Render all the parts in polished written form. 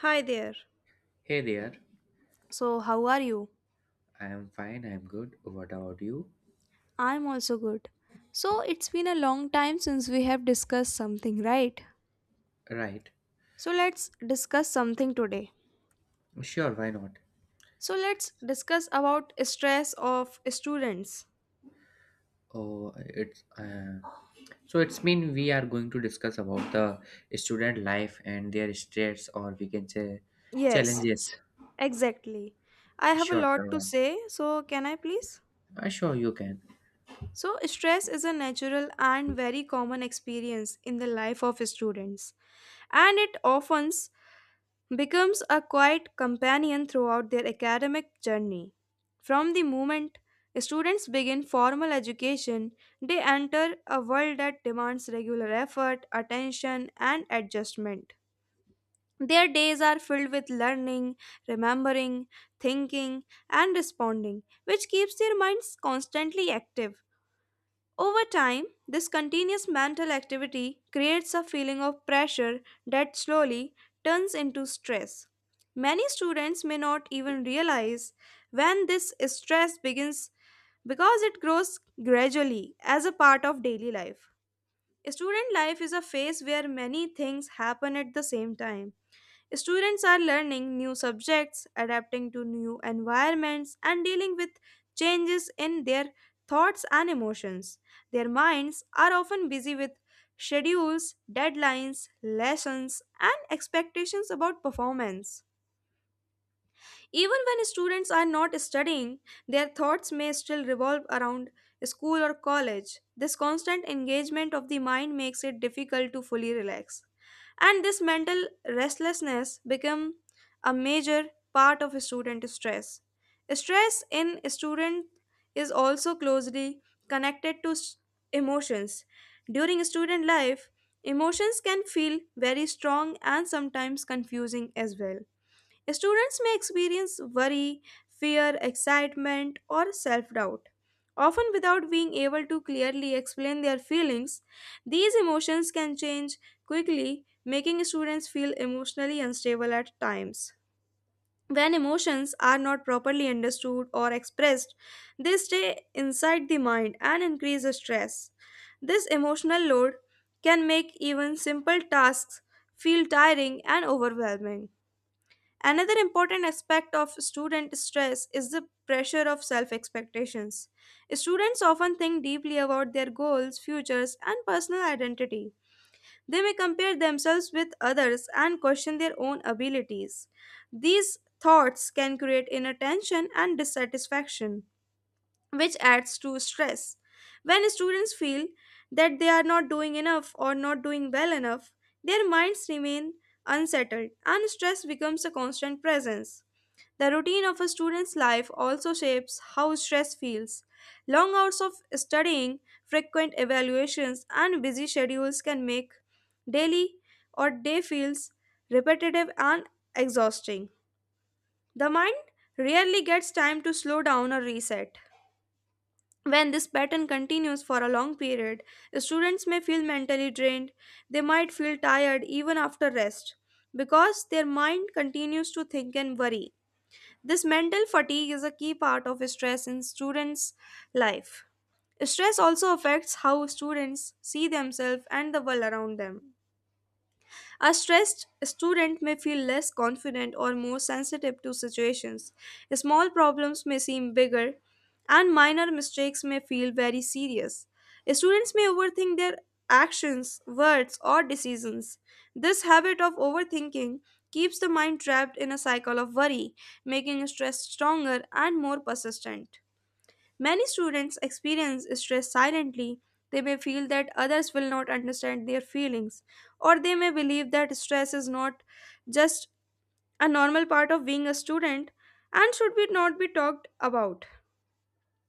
Hi there. Hey there. So, how are you? I am fine, I am good. What about you? I'm also good. So, it's been a long time since we have discussed something, right? Right, So let's discuss something today. sure, why not? So let's discuss about stress of students. Oh, it's so it's mean we are going to discuss about the student life and their stress, or we can say Yes, challenges. exactly. I have a Sure, lot to sure, say, so can I please? sure, you can. So stress is a natural and very common experience in the life of students, and it often becomes a quiet companion throughout their academic journey. From the moment students begin formal education, they enter a world that demands regular effort, attention, and adjustment. Their days are filled with learning, remembering, thinking, and responding, which keeps their minds constantly active. Over time, this continuous mental activity creates a feeling of pressure that slowly turns into stress. Many students may not even realize when this stress begins because it grows gradually as a part of daily life. Student life is a phase where many things happen at the same time. Students are learning new subjects, adapting to new environments, and dealing with changes in their thoughts and emotions. Their minds are often busy with schedules, deadlines, lessons, and expectations about performance. Even when students are not studying, their thoughts may still revolve around school or college. This constant engagement of the mind makes it difficult to fully relax. And this mental restlessness become a major part of student stress. Stress in student is also closely connected to emotions. During student life, emotions can feel very strong and sometimes confusing as well. Students may experience worry, fear, excitement, or self doubt, often without being able to clearly explain their feelings. These emotions can change quickly, making students feel emotionally unstable at times. When emotions are not properly understood or expressed, they stay inside the mind and increase the stress. This emotional load can make even simple tasks feel tiring and overwhelming. Another important aspect of student stress is the pressure of self expectations. Students often think deeply about their goals, futures, and personal identity. They may compare themselves with others and question their own abilities. These thoughts can create inner tension and dissatisfaction, which adds to stress. When students feel that they are not doing enough or not doing well enough, their minds remain unsettled and stress becomes a constant presence. The routine of a student's life also shapes how stress feels. Long hours of studying, frequent evaluations, and busy schedules can make daily or day feels repetitive and exhausting. The mind rarely gets time to slow down or reset. When this pattern continues for a long period, students may feel mentally drained. They might feel tired even after rest because their mind continues to think and worry. This mental fatigue is a key part of stress in students' life. Stress also affects how students see themselves and the world around them. A stressed student may feel less confident or more sensitive to situations. Small problems may seem bigger, and minor mistakes may feel very serious. Students may overthink their actions, words, or decisions. This habit of overthinking keeps the mind trapped in a cycle of worry, making stress stronger and more persistent. Many students experience stress silently. They may feel that others will not understand their feelings, or they may believe that stress is not just a normal part of being a student and should be not be talked about.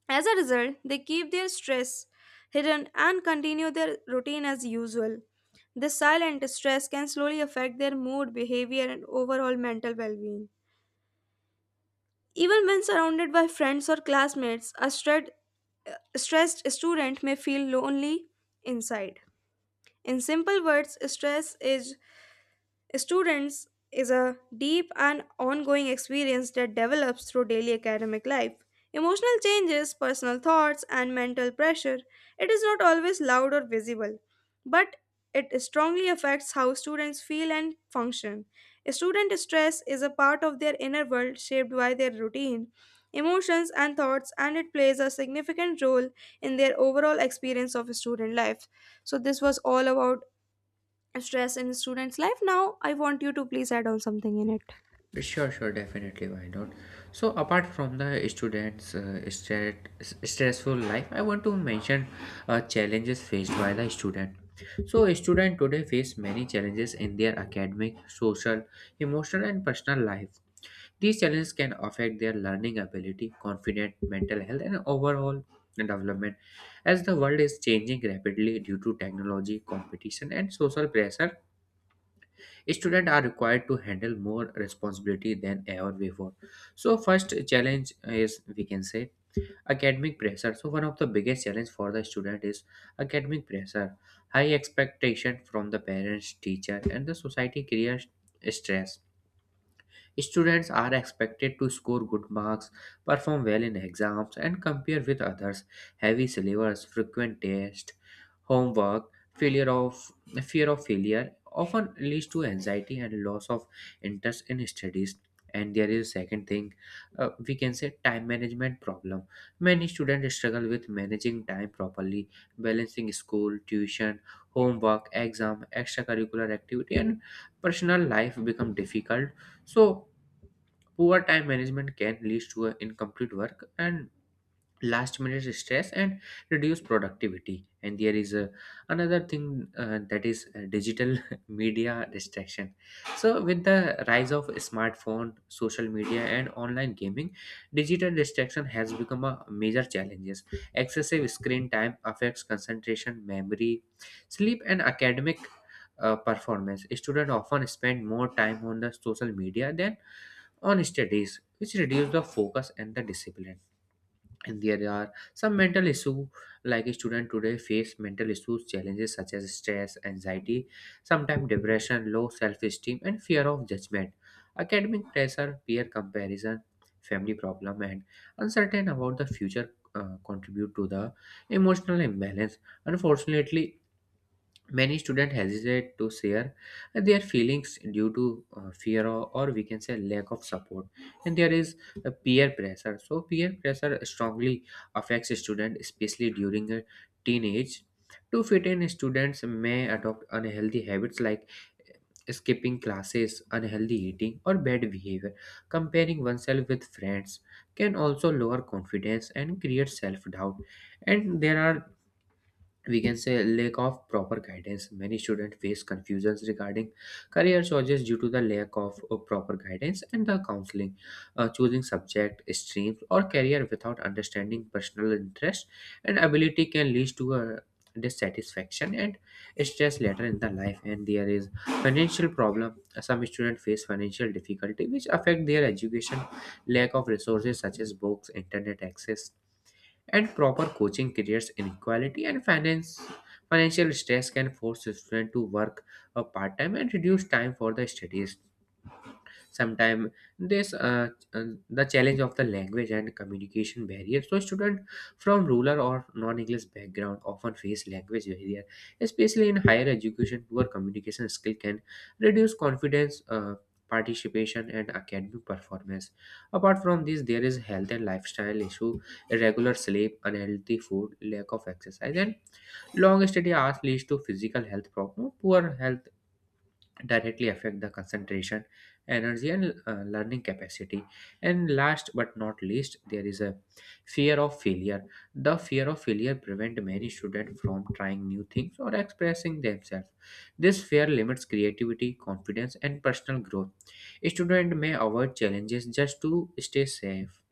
As a result, they keep their stress hidden and continue their routine as usual. This silent stress can slowly affect their mood, behavior, and overall mental well being. Even when surrounded by friends or classmates, a stressed student may feel lonely inside. In simple words, stress is Students is a deep and ongoing experience that develops through daily academic life. Emotional changes, personal thoughts, and mental pressure. It is not always loud or visible, but it strongly affects how students feel and function. Student stress is a part of their inner world shaped by their routine, emotions, and thoughts, and it plays a significant role in their overall experience of student life. So, this was all about stress in students life. Now I want you to please add on something in it. Sure, sure, definitely. Why not? So, apart from the students' stressful life, I want to mention challenges faced by the student. So, a student today face many challenges in their academic, social, emotional, and personal life. These challenges can affect their learning ability, confidence, mental health, and overall development. As the world is changing rapidly due to technology, competition, and social pressure, students are required to handle more responsibility than ever before. So first challenge is, we can say, academic pressure. So one of the biggest challenge for the student is academic pressure. High expectation from the parents, teacher, and the society creates stress. Students are expected to score good marks, perform well in exams, and compare with others. Heavy syllabus, frequent tests, homework, failure of fear of failure often leads to anxiety and loss of interest in studies. And there is a second thing, we can say, time management problem. Many students struggle with managing time properly. Balancing school, tuition, homework, exam, extracurricular activity, and personal life become difficult. So poor time management can lead to a incomplete work and last minute stress and reduce productivity. And there is a, another thing, that is digital media distraction. So with the rise of smartphone, social media, and online gaming, digital distraction has become a major challenges. Excessive screen time affects concentration, memory, sleep, and academic performance. Students often spend more time on the social media than on studies, which reduce the focus and the discipline. And there are some mental issues, like a student today face mental issues challenges such as stress, anxiety, sometimes depression, low self-esteem, and fear of judgment. Academic pressure, peer comparison, family problem, and uncertain about the future contribute to the emotional imbalance. Unfortunately, many students hesitate to share their feelings due to fear, or we can say lack of support. And there is a peer pressure. So peer pressure strongly affects a student especially during a teenage. To fit in, students may adopt unhealthy habits like skipping classes, unhealthy eating, or bad behavior. Comparing oneself with friends can also lower confidence and create self doubt. And there are, we can say, lack of proper guidance. Many students face confusions regarding career choices due to the lack of proper guidance and the counseling. Choosing subject streams or career without understanding personal interest and ability can lead to a dissatisfaction and stress later in the life. And there is financial problem. Some students face financial difficulty which affect their education. Lack of resources such as books, internet access, and proper coaching creates inequality and finance financial stress can force students to work a part-time and reduce time for the studies. Sometimes this uh, the challenge of the language and communication barrier. So students from rural or non-english background often face language barrier especially in higher education. Poor communication skill can reduce confidence, participation, and academic performance. Apart from this, there is health and lifestyle issue. Irregular sleep, unhealthy food, lack of exercise, and long study hours leads to physical health problem. Poor health directly affect the concentration, energy, and learning capacity. And last but not least, there is a fear of failure. The fear of failure prevent many students from trying new things or expressing themselves. This fear limits creativity, confidence, and personal growth. Students may avoid challenges just to stay safe.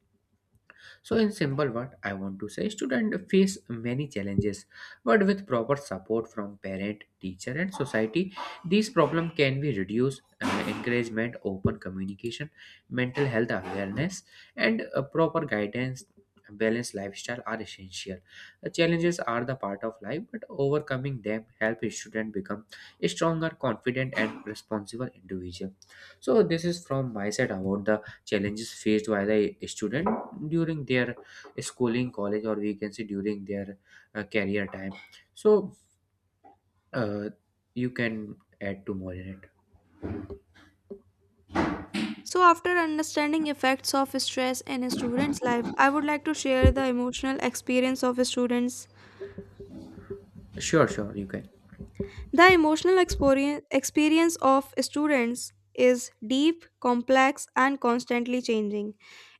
So, in simple word, I want to say students face many challenges, but with proper support from parent, teacher, and society, these problems can be reduced. Encouragement, open communication, mental health awareness, and proper guidance, balanced lifestyle are essential. The challenges are the part of life, but overcoming them help students become a stronger, confident, and responsible individual. So, this is from my side about the challenges faced by the student during their schooling, college, or we can say during their career time. So uh, you can add to more in it. So after understanding effects of stress in a student's life, I would like to share the emotional experience of students. Sure, sure, you can. The emotional experience of students is deep, complex, and constantly changing.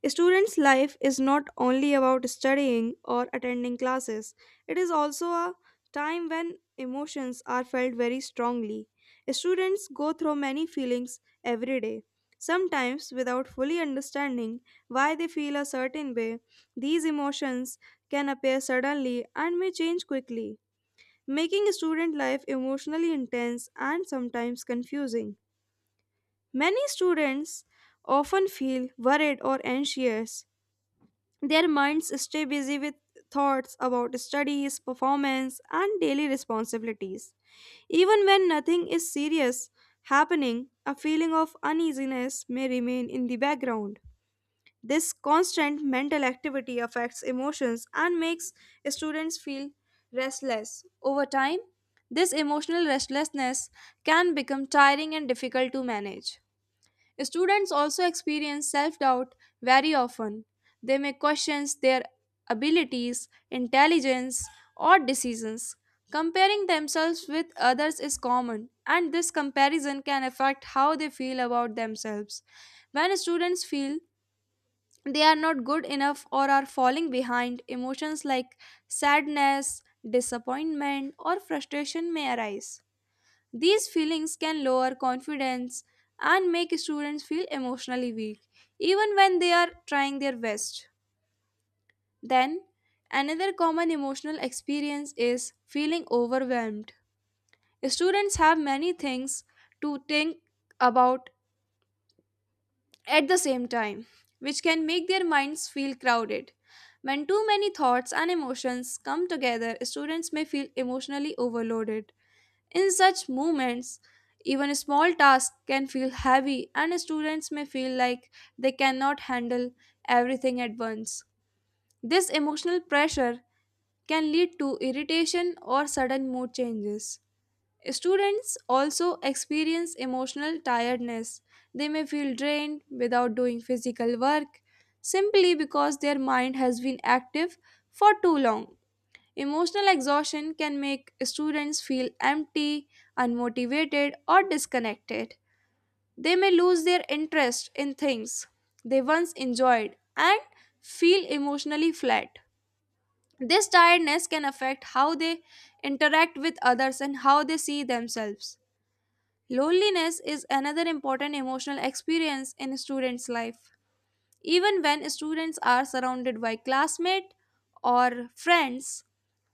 Student's life is not only about studying or attending classes, it is also a time when emotions are felt very strongly. Students go through many feelings every day, sometimes without fully understanding why they feel a certain way. These emotions can appear suddenly and may change quickly, making student life emotionally intense and sometimes confusing. Many students often feel worried or anxious. Their minds stay busy with thoughts about studies, performance, and daily responsibilities. Even when nothing is serious happening, a feeling of uneasiness may remain in the background. This constant mental activity affects emotions and makes students feel restless. Over time, this emotional restlessness can become tiring and difficult to manage. Students also experience self doubt very often. They may question their abilities, intelligence, or decisions. Comparing themselves with others is common, and this comparison can affect how they feel about themselves. When students feel they are not good enough or are falling behind, emotions like sadness, disappointment, or frustration may arise. These feelings can lower confidence and make students feel emotionally weak, even when they are trying their best. Then, another common emotional experience is feeling overwhelmed. Students have many things to think about at the same time, which can make their minds feel crowded. When too many thoughts and emotions come together, students may feel emotionally overloaded. In such moments, even small tasks can feel heavy, and students may feel like they cannot handle everything at once. This emotional pressure can lead to irritation or sudden mood changes. Students also experience emotional tiredness. They may feel drained without doing physical work simply because their mind has been active for too long. Emotional exhaustion can make students feel empty, unmotivated, or disconnected. They may lose their interest in things they once enjoyed and feel emotionally flat. This tiredness can affect how they interact with others and how they see themselves. Loneliness is another important emotional experience in students' life. Even when students are surrounded by classmates or friends,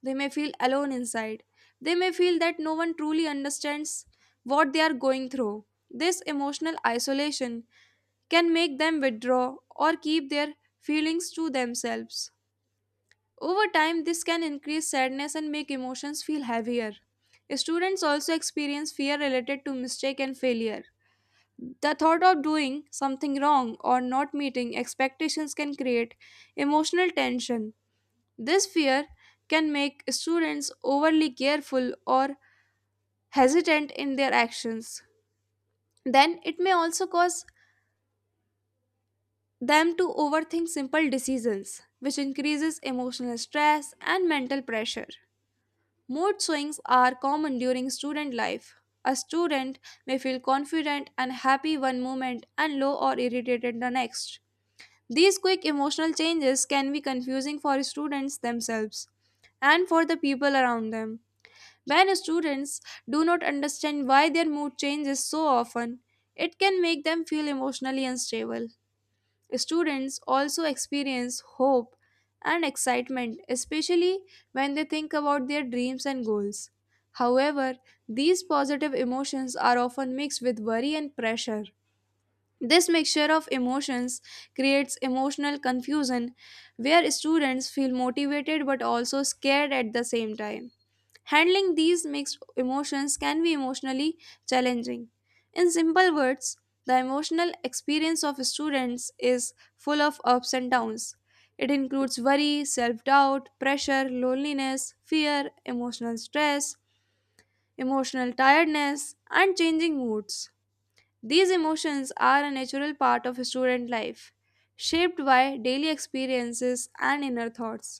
they may feel alone inside. They may feel that no one truly understands what they are going through. This emotional isolation can make them withdraw or keep their feelings to themselves. Over time, this can increase sadness and make emotions feel heavier. Students also experience fear related to mistake and failure. The thought of doing something wrong or not meeting expectations can create emotional tension. This fear can make students overly careful or hesitant in their actions. Then it may also cause them to overthink simple decisions, which increases emotional stress and mental pressure. Mood swings are common during student life. A student may feel confident and happy one moment and low or irritated the next. These quick emotional changes can be confusing for students themselves and for the people around them. When students do not understand why their mood changes so often, it can make them feel emotionally unstable. Students also experience hope and excitement, especially when they think about their dreams and goals. However, these positive emotions are often mixed with worry and pressure. This mixture of emotions creates emotional confusion where students feel motivated but also scared at the same time. Handling these mixed emotions can be emotionally challenging. In simple words, the emotional experience of students is full of ups and downs. It includes worry, self doubt, pressure, loneliness, fear, emotional stress, emotional tiredness, and changing moods. These emotions are a natural part of student life, shaped by daily experiences and inner thoughts.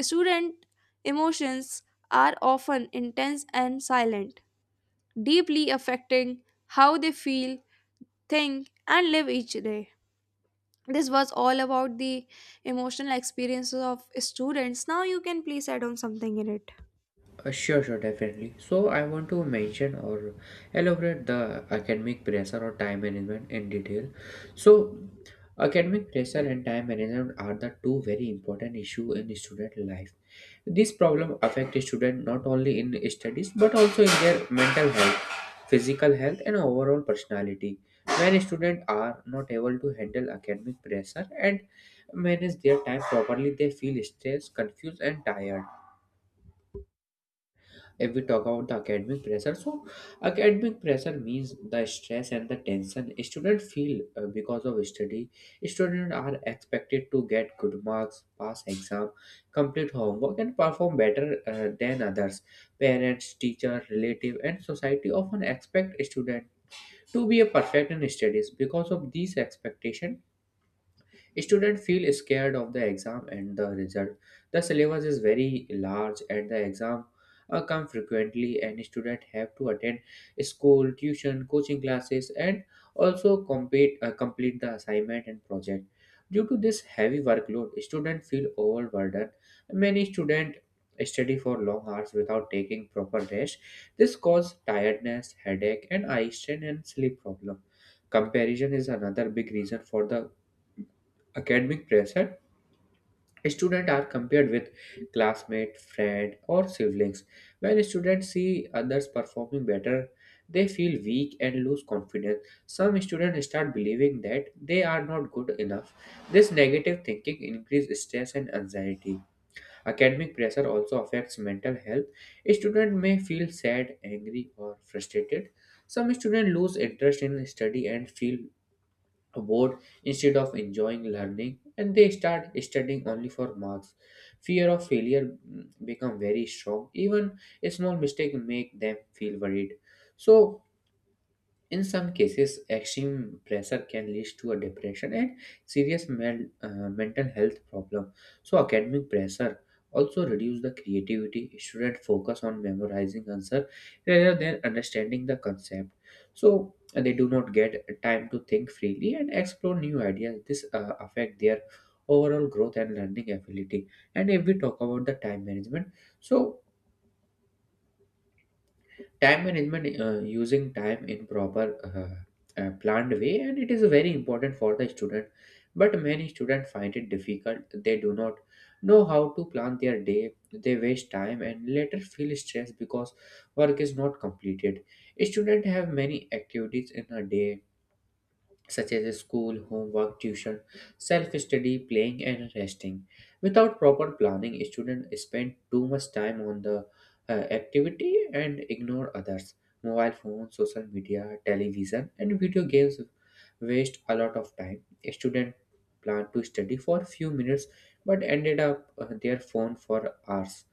Student emotions are often intense and silent, deeply affecting how they feel, think, and live each day. This was all about the emotional experiences of students. Now you can please add on something in it. Sure definitely. So I want to mention or elaborate the academic pressure or time management in detail. So academic pressure and time management are the two very important issue in student life. This problem affects students not only in studies but also in their mental health, physical health, and overall personality. When students are not able to handle academic pressure and manage their time properly, they feel stressed, confused, and tired. If we talk about the academic pressure, so academic pressure means the stress and the tension students feel because of study. Students are expected to get good marks, pass exam, complete homework, and perform better than others. Parents, teacher, relative, and society often expect students to be a perfect in studies. Because of these expectations, students feel scared of the exam and the result. The syllabus is very large and the exam come frequently and students have to attend school, tuition, coaching classes, and also complete the assignment and project. Due to this heavy workload, students feel overburdened. Many students study for long hours without taking proper rest. This causes tiredness, headache, and eye strain and sleep problem. Comparison is another big reason for the academic pressure. Students are compared with classmate, friend, or siblings. When students see others performing better, they feel weak and lose confidence. Some students start believing that they are not good enough. This negative thinking increases stress and anxiety. Academic pressure also affects mental health. Students may feel sad, angry, or frustrated. Some students lose interest in study and feel bored instead of enjoying learning, and they start studying only for marks. Fear of failure become very strong. Even a small mistake make them feel worried. So in some cases, extreme pressure can lead to a depression and serious mental health problem. So academic pressure also reduce the creativity. Students focus on memorizing answer rather than understanding the concept. So, they do not get time to think freely and explore new ideas. This affect their overall growth and learning ability. And if we talk about the time management, so time management, using time in proper planned way, and it is very important for the student, but many students find it difficult. They do not know how to plan their day. They waste time and later feel stressed because work is not completed. Students have many activities in a day such as school, homework, tuition, self study, playing, and resting. Without proper planning, students spend too much time on the uh, activity and ignore others. Mobile phones, social media, television, and video games waste a lot of time. Students plan to study for few minutes but ended up their phone for hours.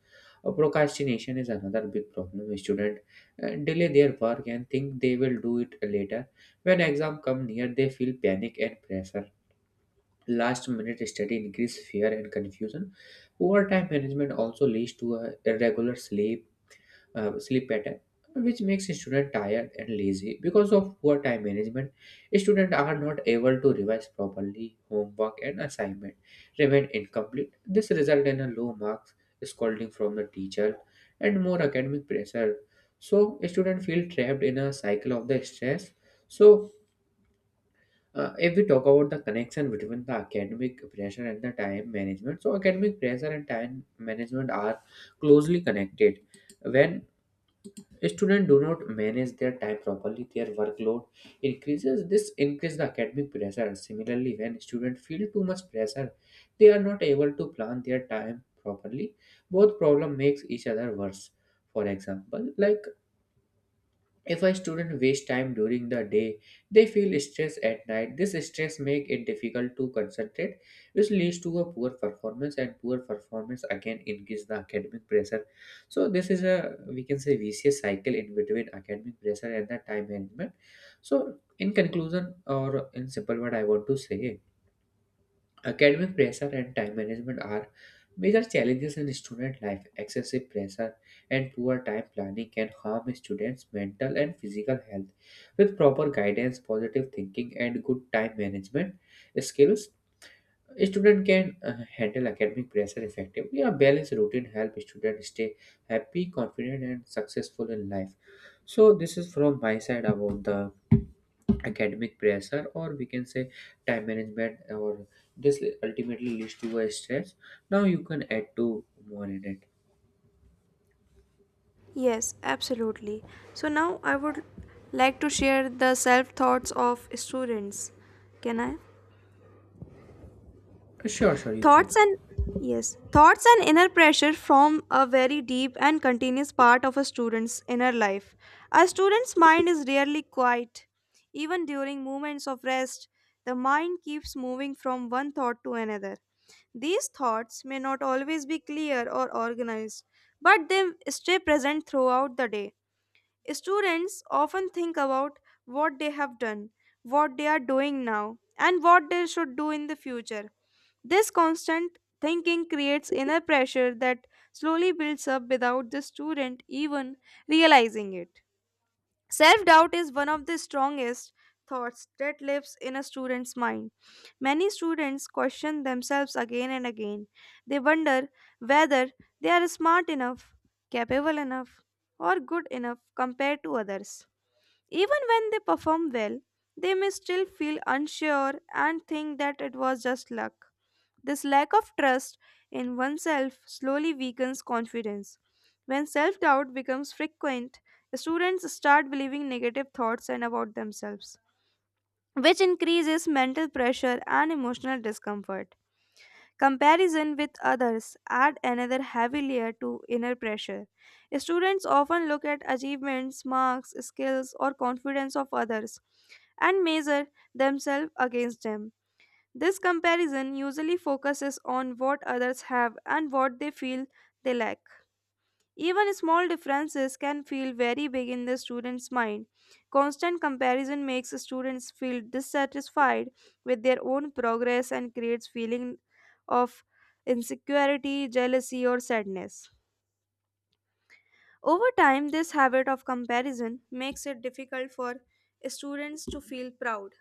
Procrastination is another big problem. Students delay their work and think they will do it later. When exam come near, they feel panic and pressure. Last minute study increase fear and confusion. Poor time management also leads to a irregular sleep sleep pattern, which makes student tired and lazy. Because of poor time management, students are not able to revise properly. Homework and assignment remain incomplete. This result in a low marks, scolding from the teacher, and more academic pressure. So students feel trapped in a cycle of the stress. So if we talk about the connection between the academic pressure and the time management, so academic pressure and time management are closely connected. When students do not manage their time properly, their workload increases. This increases the academic pressure. Similarly, when students feel too much pressure, they are not able to plan their time properly. Both problem makes each other worse. For example, like, if a student wastes time during the day, they feel stressed at night. This stress makes it difficult to concentrate, which leads to a poor performance, and poor performance again increase the academic pressure. So this is a, we can say, vicious cycle in between academic pressure and the time management. So in conclusion, or in simple word, I want to say academic pressure and time management are major challenges in student life. Excessive pressure and poor time planning can harm students' mental and physical health. With proper guidance, positive thinking, and good time management skills, a student can handle academic pressure effectively. A balanced routine helps students stay happy, confident, and successful in life. So, this is from my side about the academic pressure, or we can say time management, or this ultimately leads to a stress. Now you can add two more in it. Yes, absolutely. So now I would like to share the self thoughts of students. Can I? Sure, sure, you can. Thoughts and yes, thoughts and inner pressure form a very deep and continuous part of a student's inner life. A student's mind is rarely quiet. Even during moments of rest, the mind keeps moving from one thought to another. These thoughts may not always be clear or organized, but they stay present throughout the day. Students often think about what they have done, what they are doing now, and what they should do in the future. This constant thinking creates inner pressure that slowly builds up without the student even realizing it. Self doubt is one of the strongest thoughts that lives in a student's mind. Many students question themselves again and again. They wonder whether they are smart enough, capable enough, or good enough compared to others. Even when they perform well, they may still feel unsure and think that it was just luck. This lack of trust in oneself slowly weakens confidence. When self doubt becomes frequent, students start believing negative thoughts and about themselves, which increases mental pressure and emotional discomfort. Comparison with others add another heavy layer to inner pressure. Students often look at achievements, marks, skills, or confidence of others and measure themselves against them. This comparison usually focuses on what others have and what they feel they lack. Even small differences can feel very big in the student's mind. Constant comparison makes students feel dissatisfied with their own progress and creates feeling of insecurity, jealousy or sadness. Over time, this habit of comparison makes it difficult for students to feel proud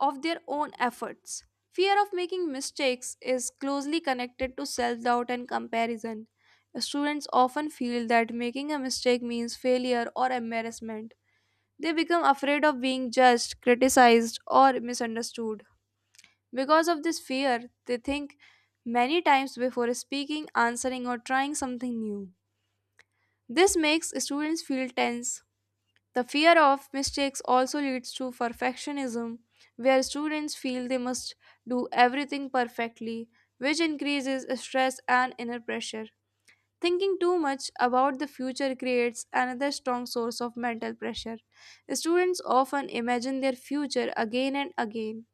of their own efforts. Fear of making mistakes is closely connected to self doubt and comparison. Students often feel that making a mistake means failure or embarrassment. They become afraid of being judged, criticized, or misunderstood. Because of this fear, they think many times before speaking, answering, or trying something new. This makes students feel tense. The fear of mistakes also leads to perfectionism, where students feel they must do everything perfectly, which increases stress and inner pressure. Thinking too much about the future creates another strong source of mental pressure. Students often imagine their future again and again.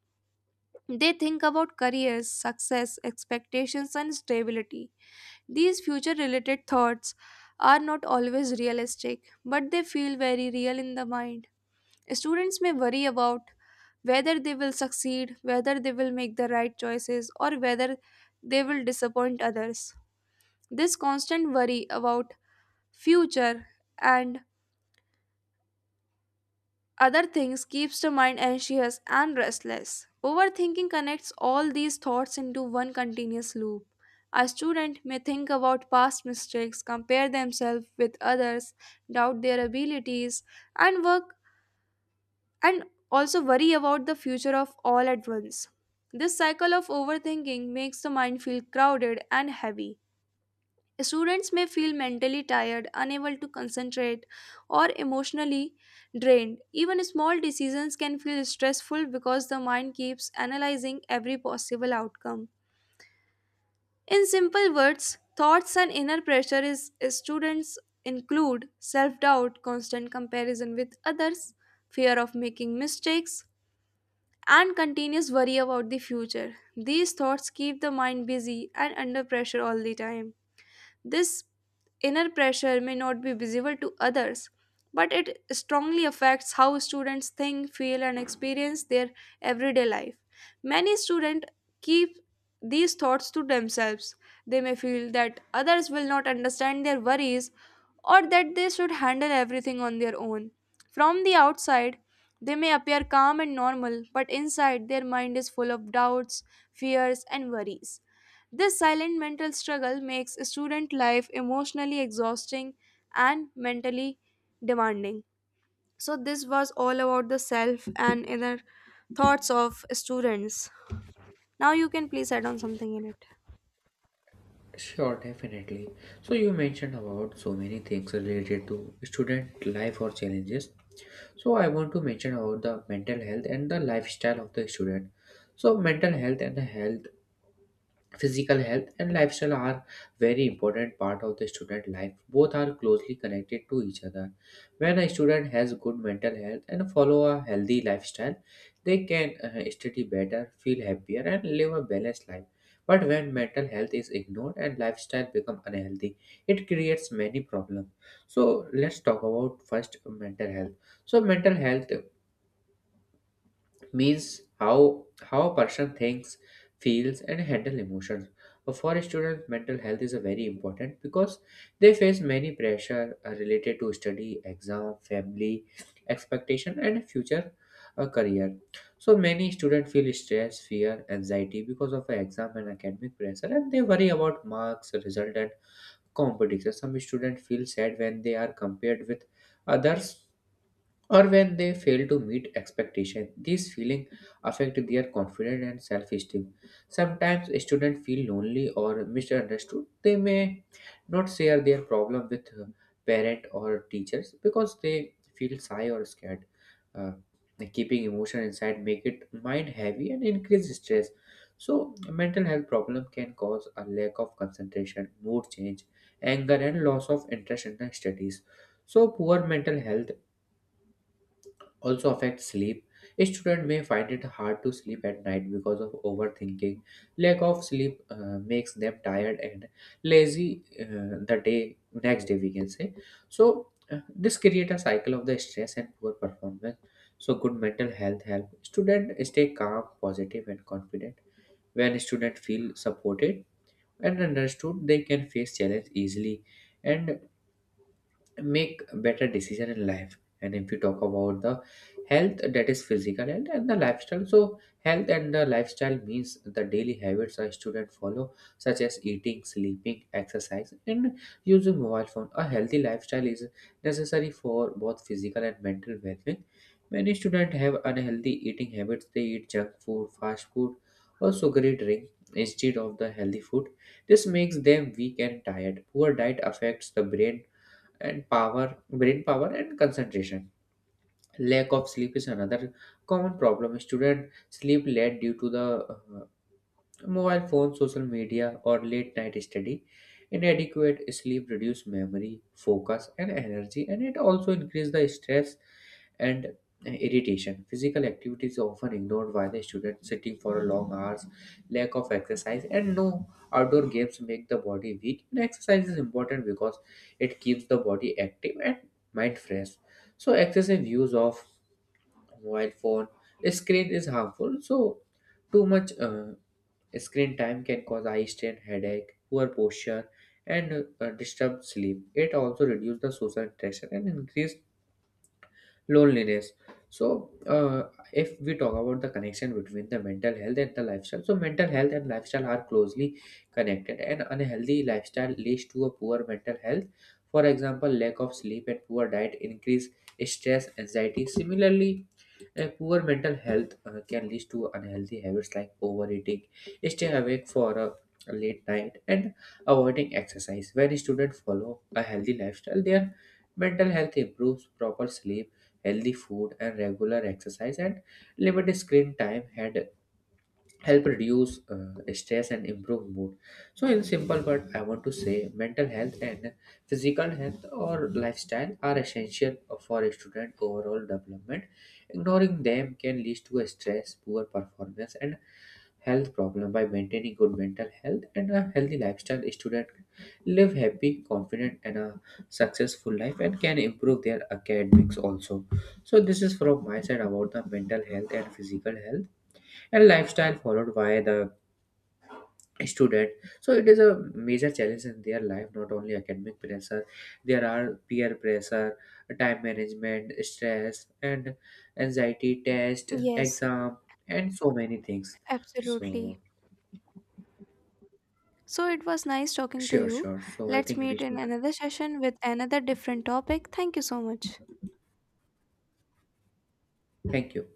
They think about careers, success, expectations, and stability. These future related thoughts are not always realistic, but they feel very real in the mind. Students may worry about whether they will succeed, whether they will make the right choices, or whether they will disappoint others. This constant worry about future and other things keeps the mind anxious and restless. Overthinking connects all these thoughts into one continuous loop. A student may think about past mistakes, compare themselves with others, doubt their abilities, and work and also worry about the future of all at once. This cycle of overthinking makes the mind feel crowded and heavy. Students may feel mentally tired, unable to concentrate, or emotionally drained. Even small decisions can feel stressful because the mind keeps analyzing every possible outcome. In simple words, thoughts and inner pressure is students include self doubt, constant comparison with others, fear of making mistakes, and continuous worry about the future. These thoughts keep the mind busy and under pressure all the time. This inner pressure may not be visible to others, but it strongly affects how students think, feel, and experience their everyday life. Many students keep these thoughts to themselves. They may feel that others will not understand their worries or that they should handle everything on their own. From the outside, they may appear calm and normal, but inside their mind is full of doubts, fears, and worries. This silent mental struggle makes student life emotionally exhausting and mentally demanding. So, this was all about the self and inner thoughts of students. Now, you can please add on something in it. Sure, definitely. So you mentioned about so many things related to student life or challenges, so I want to mention about the mental health and the lifestyle of the student. So mental health and the health, physical health and lifestyle are very important part of the student life. Both are closely connected to each other. When a student has good mental health and follow a healthy lifestyle, they can study better, feel happier, and live a balanced life. But when mental health is ignored and lifestyle become unhealthy, it creates many problems. So let's talk about first mental health. So mental health means how a person thinks, feels, and handle emotions. For students, mental health is a very important because they face many pressure related to study, exam, family expectation, and future career. So many students feel stress, fear, anxiety because of exam and academic pressure, and they worry about marks, result, and competition. Some students feel sad when they are compared with others, or when they fail to meet expectations. These feelings affect their confidence and self-esteem. Sometimes students feel lonely or misunderstood. They may not share their problem with parent or teachers because they feel shy or scared. Uh, Keeping emotion inside make it mind heavy and increase stress. So mental health problem can cause a lack of concentration, mood change, anger, and loss of interest in the studies. So poor mental health also affect sleep. A student may find it hard to sleep at night because of overthinking. Lack of sleep makes them tired and lazy the day next day, we can say. So this create a cycle of the stress and poor performance. So good mental health help student stay calm, positive, and confident. When student feel supported and understood, they can face challenge easily and make better decision in life. And if we talk about the health, that is physical health and the lifestyle, so health and the lifestyle means the daily habits a student follow, such as eating, sleeping, exercise, and using mobile phone. A healthy lifestyle is necessary for both physical and mental well-being. Many students have unhealthy eating habits. They eat junk food, fast food, or sugary drink instead of the healthy food. This makes them weak and tired. Poor diet affects the brain power and concentration. Lack of sleep is another common problem. Students sleep late due to the uh, mobile phones, social media, or late night study. Inadequate sleep reduce memory, focus, and energy, and it also increase the stress and irritation. Physical activity is often ignored by the student, sitting for long hours, lack of exercise, and no outdoor games make the body weak. And exercise is important because it keeps the body active and mind fresh. So excessive use of mobile phone screen is harmful. So too much screen time can cause eye strain, headache, poor posture, and disturbed sleep. It also reduces the social interaction and increase loneliness. So, if we talk about the connection between the mental health and the lifestyle, so mental health and lifestyle are closely connected. And unhealthy lifestyle leads to a poor mental health. For example, lack of sleep and poor diet increase stress, anxiety. Similarly, a poor mental health can lead to unhealthy habits like overeating, staying awake for a late night, and avoiding exercise. When students follow a healthy lifestyle, their mental health improves. Proper sleep, healthy food, and regular exercise, and limit screen time had help reduce stress and improve mood. So in simple word, I want to say mental health and physical health or lifestyle are essential for a student overall development. Ignoring them can lead to a stress, poor performance, and health problem. By maintaining good mental health and a healthy lifestyle, student live happy, confident, and a successful life, and can improve their academics also. So this is from my side about the mental health and physical health and lifestyle followed by the student. So it is a major challenge in their life, not only academic pressure. There are peer pressure, time management, stress, and anxiety, test, Yes, exam, and so many things. So absolutely. So, it was nice talking to sure, you. sure, so I Let's think we meet in should another session with another different topic. Thank you so much. thank you.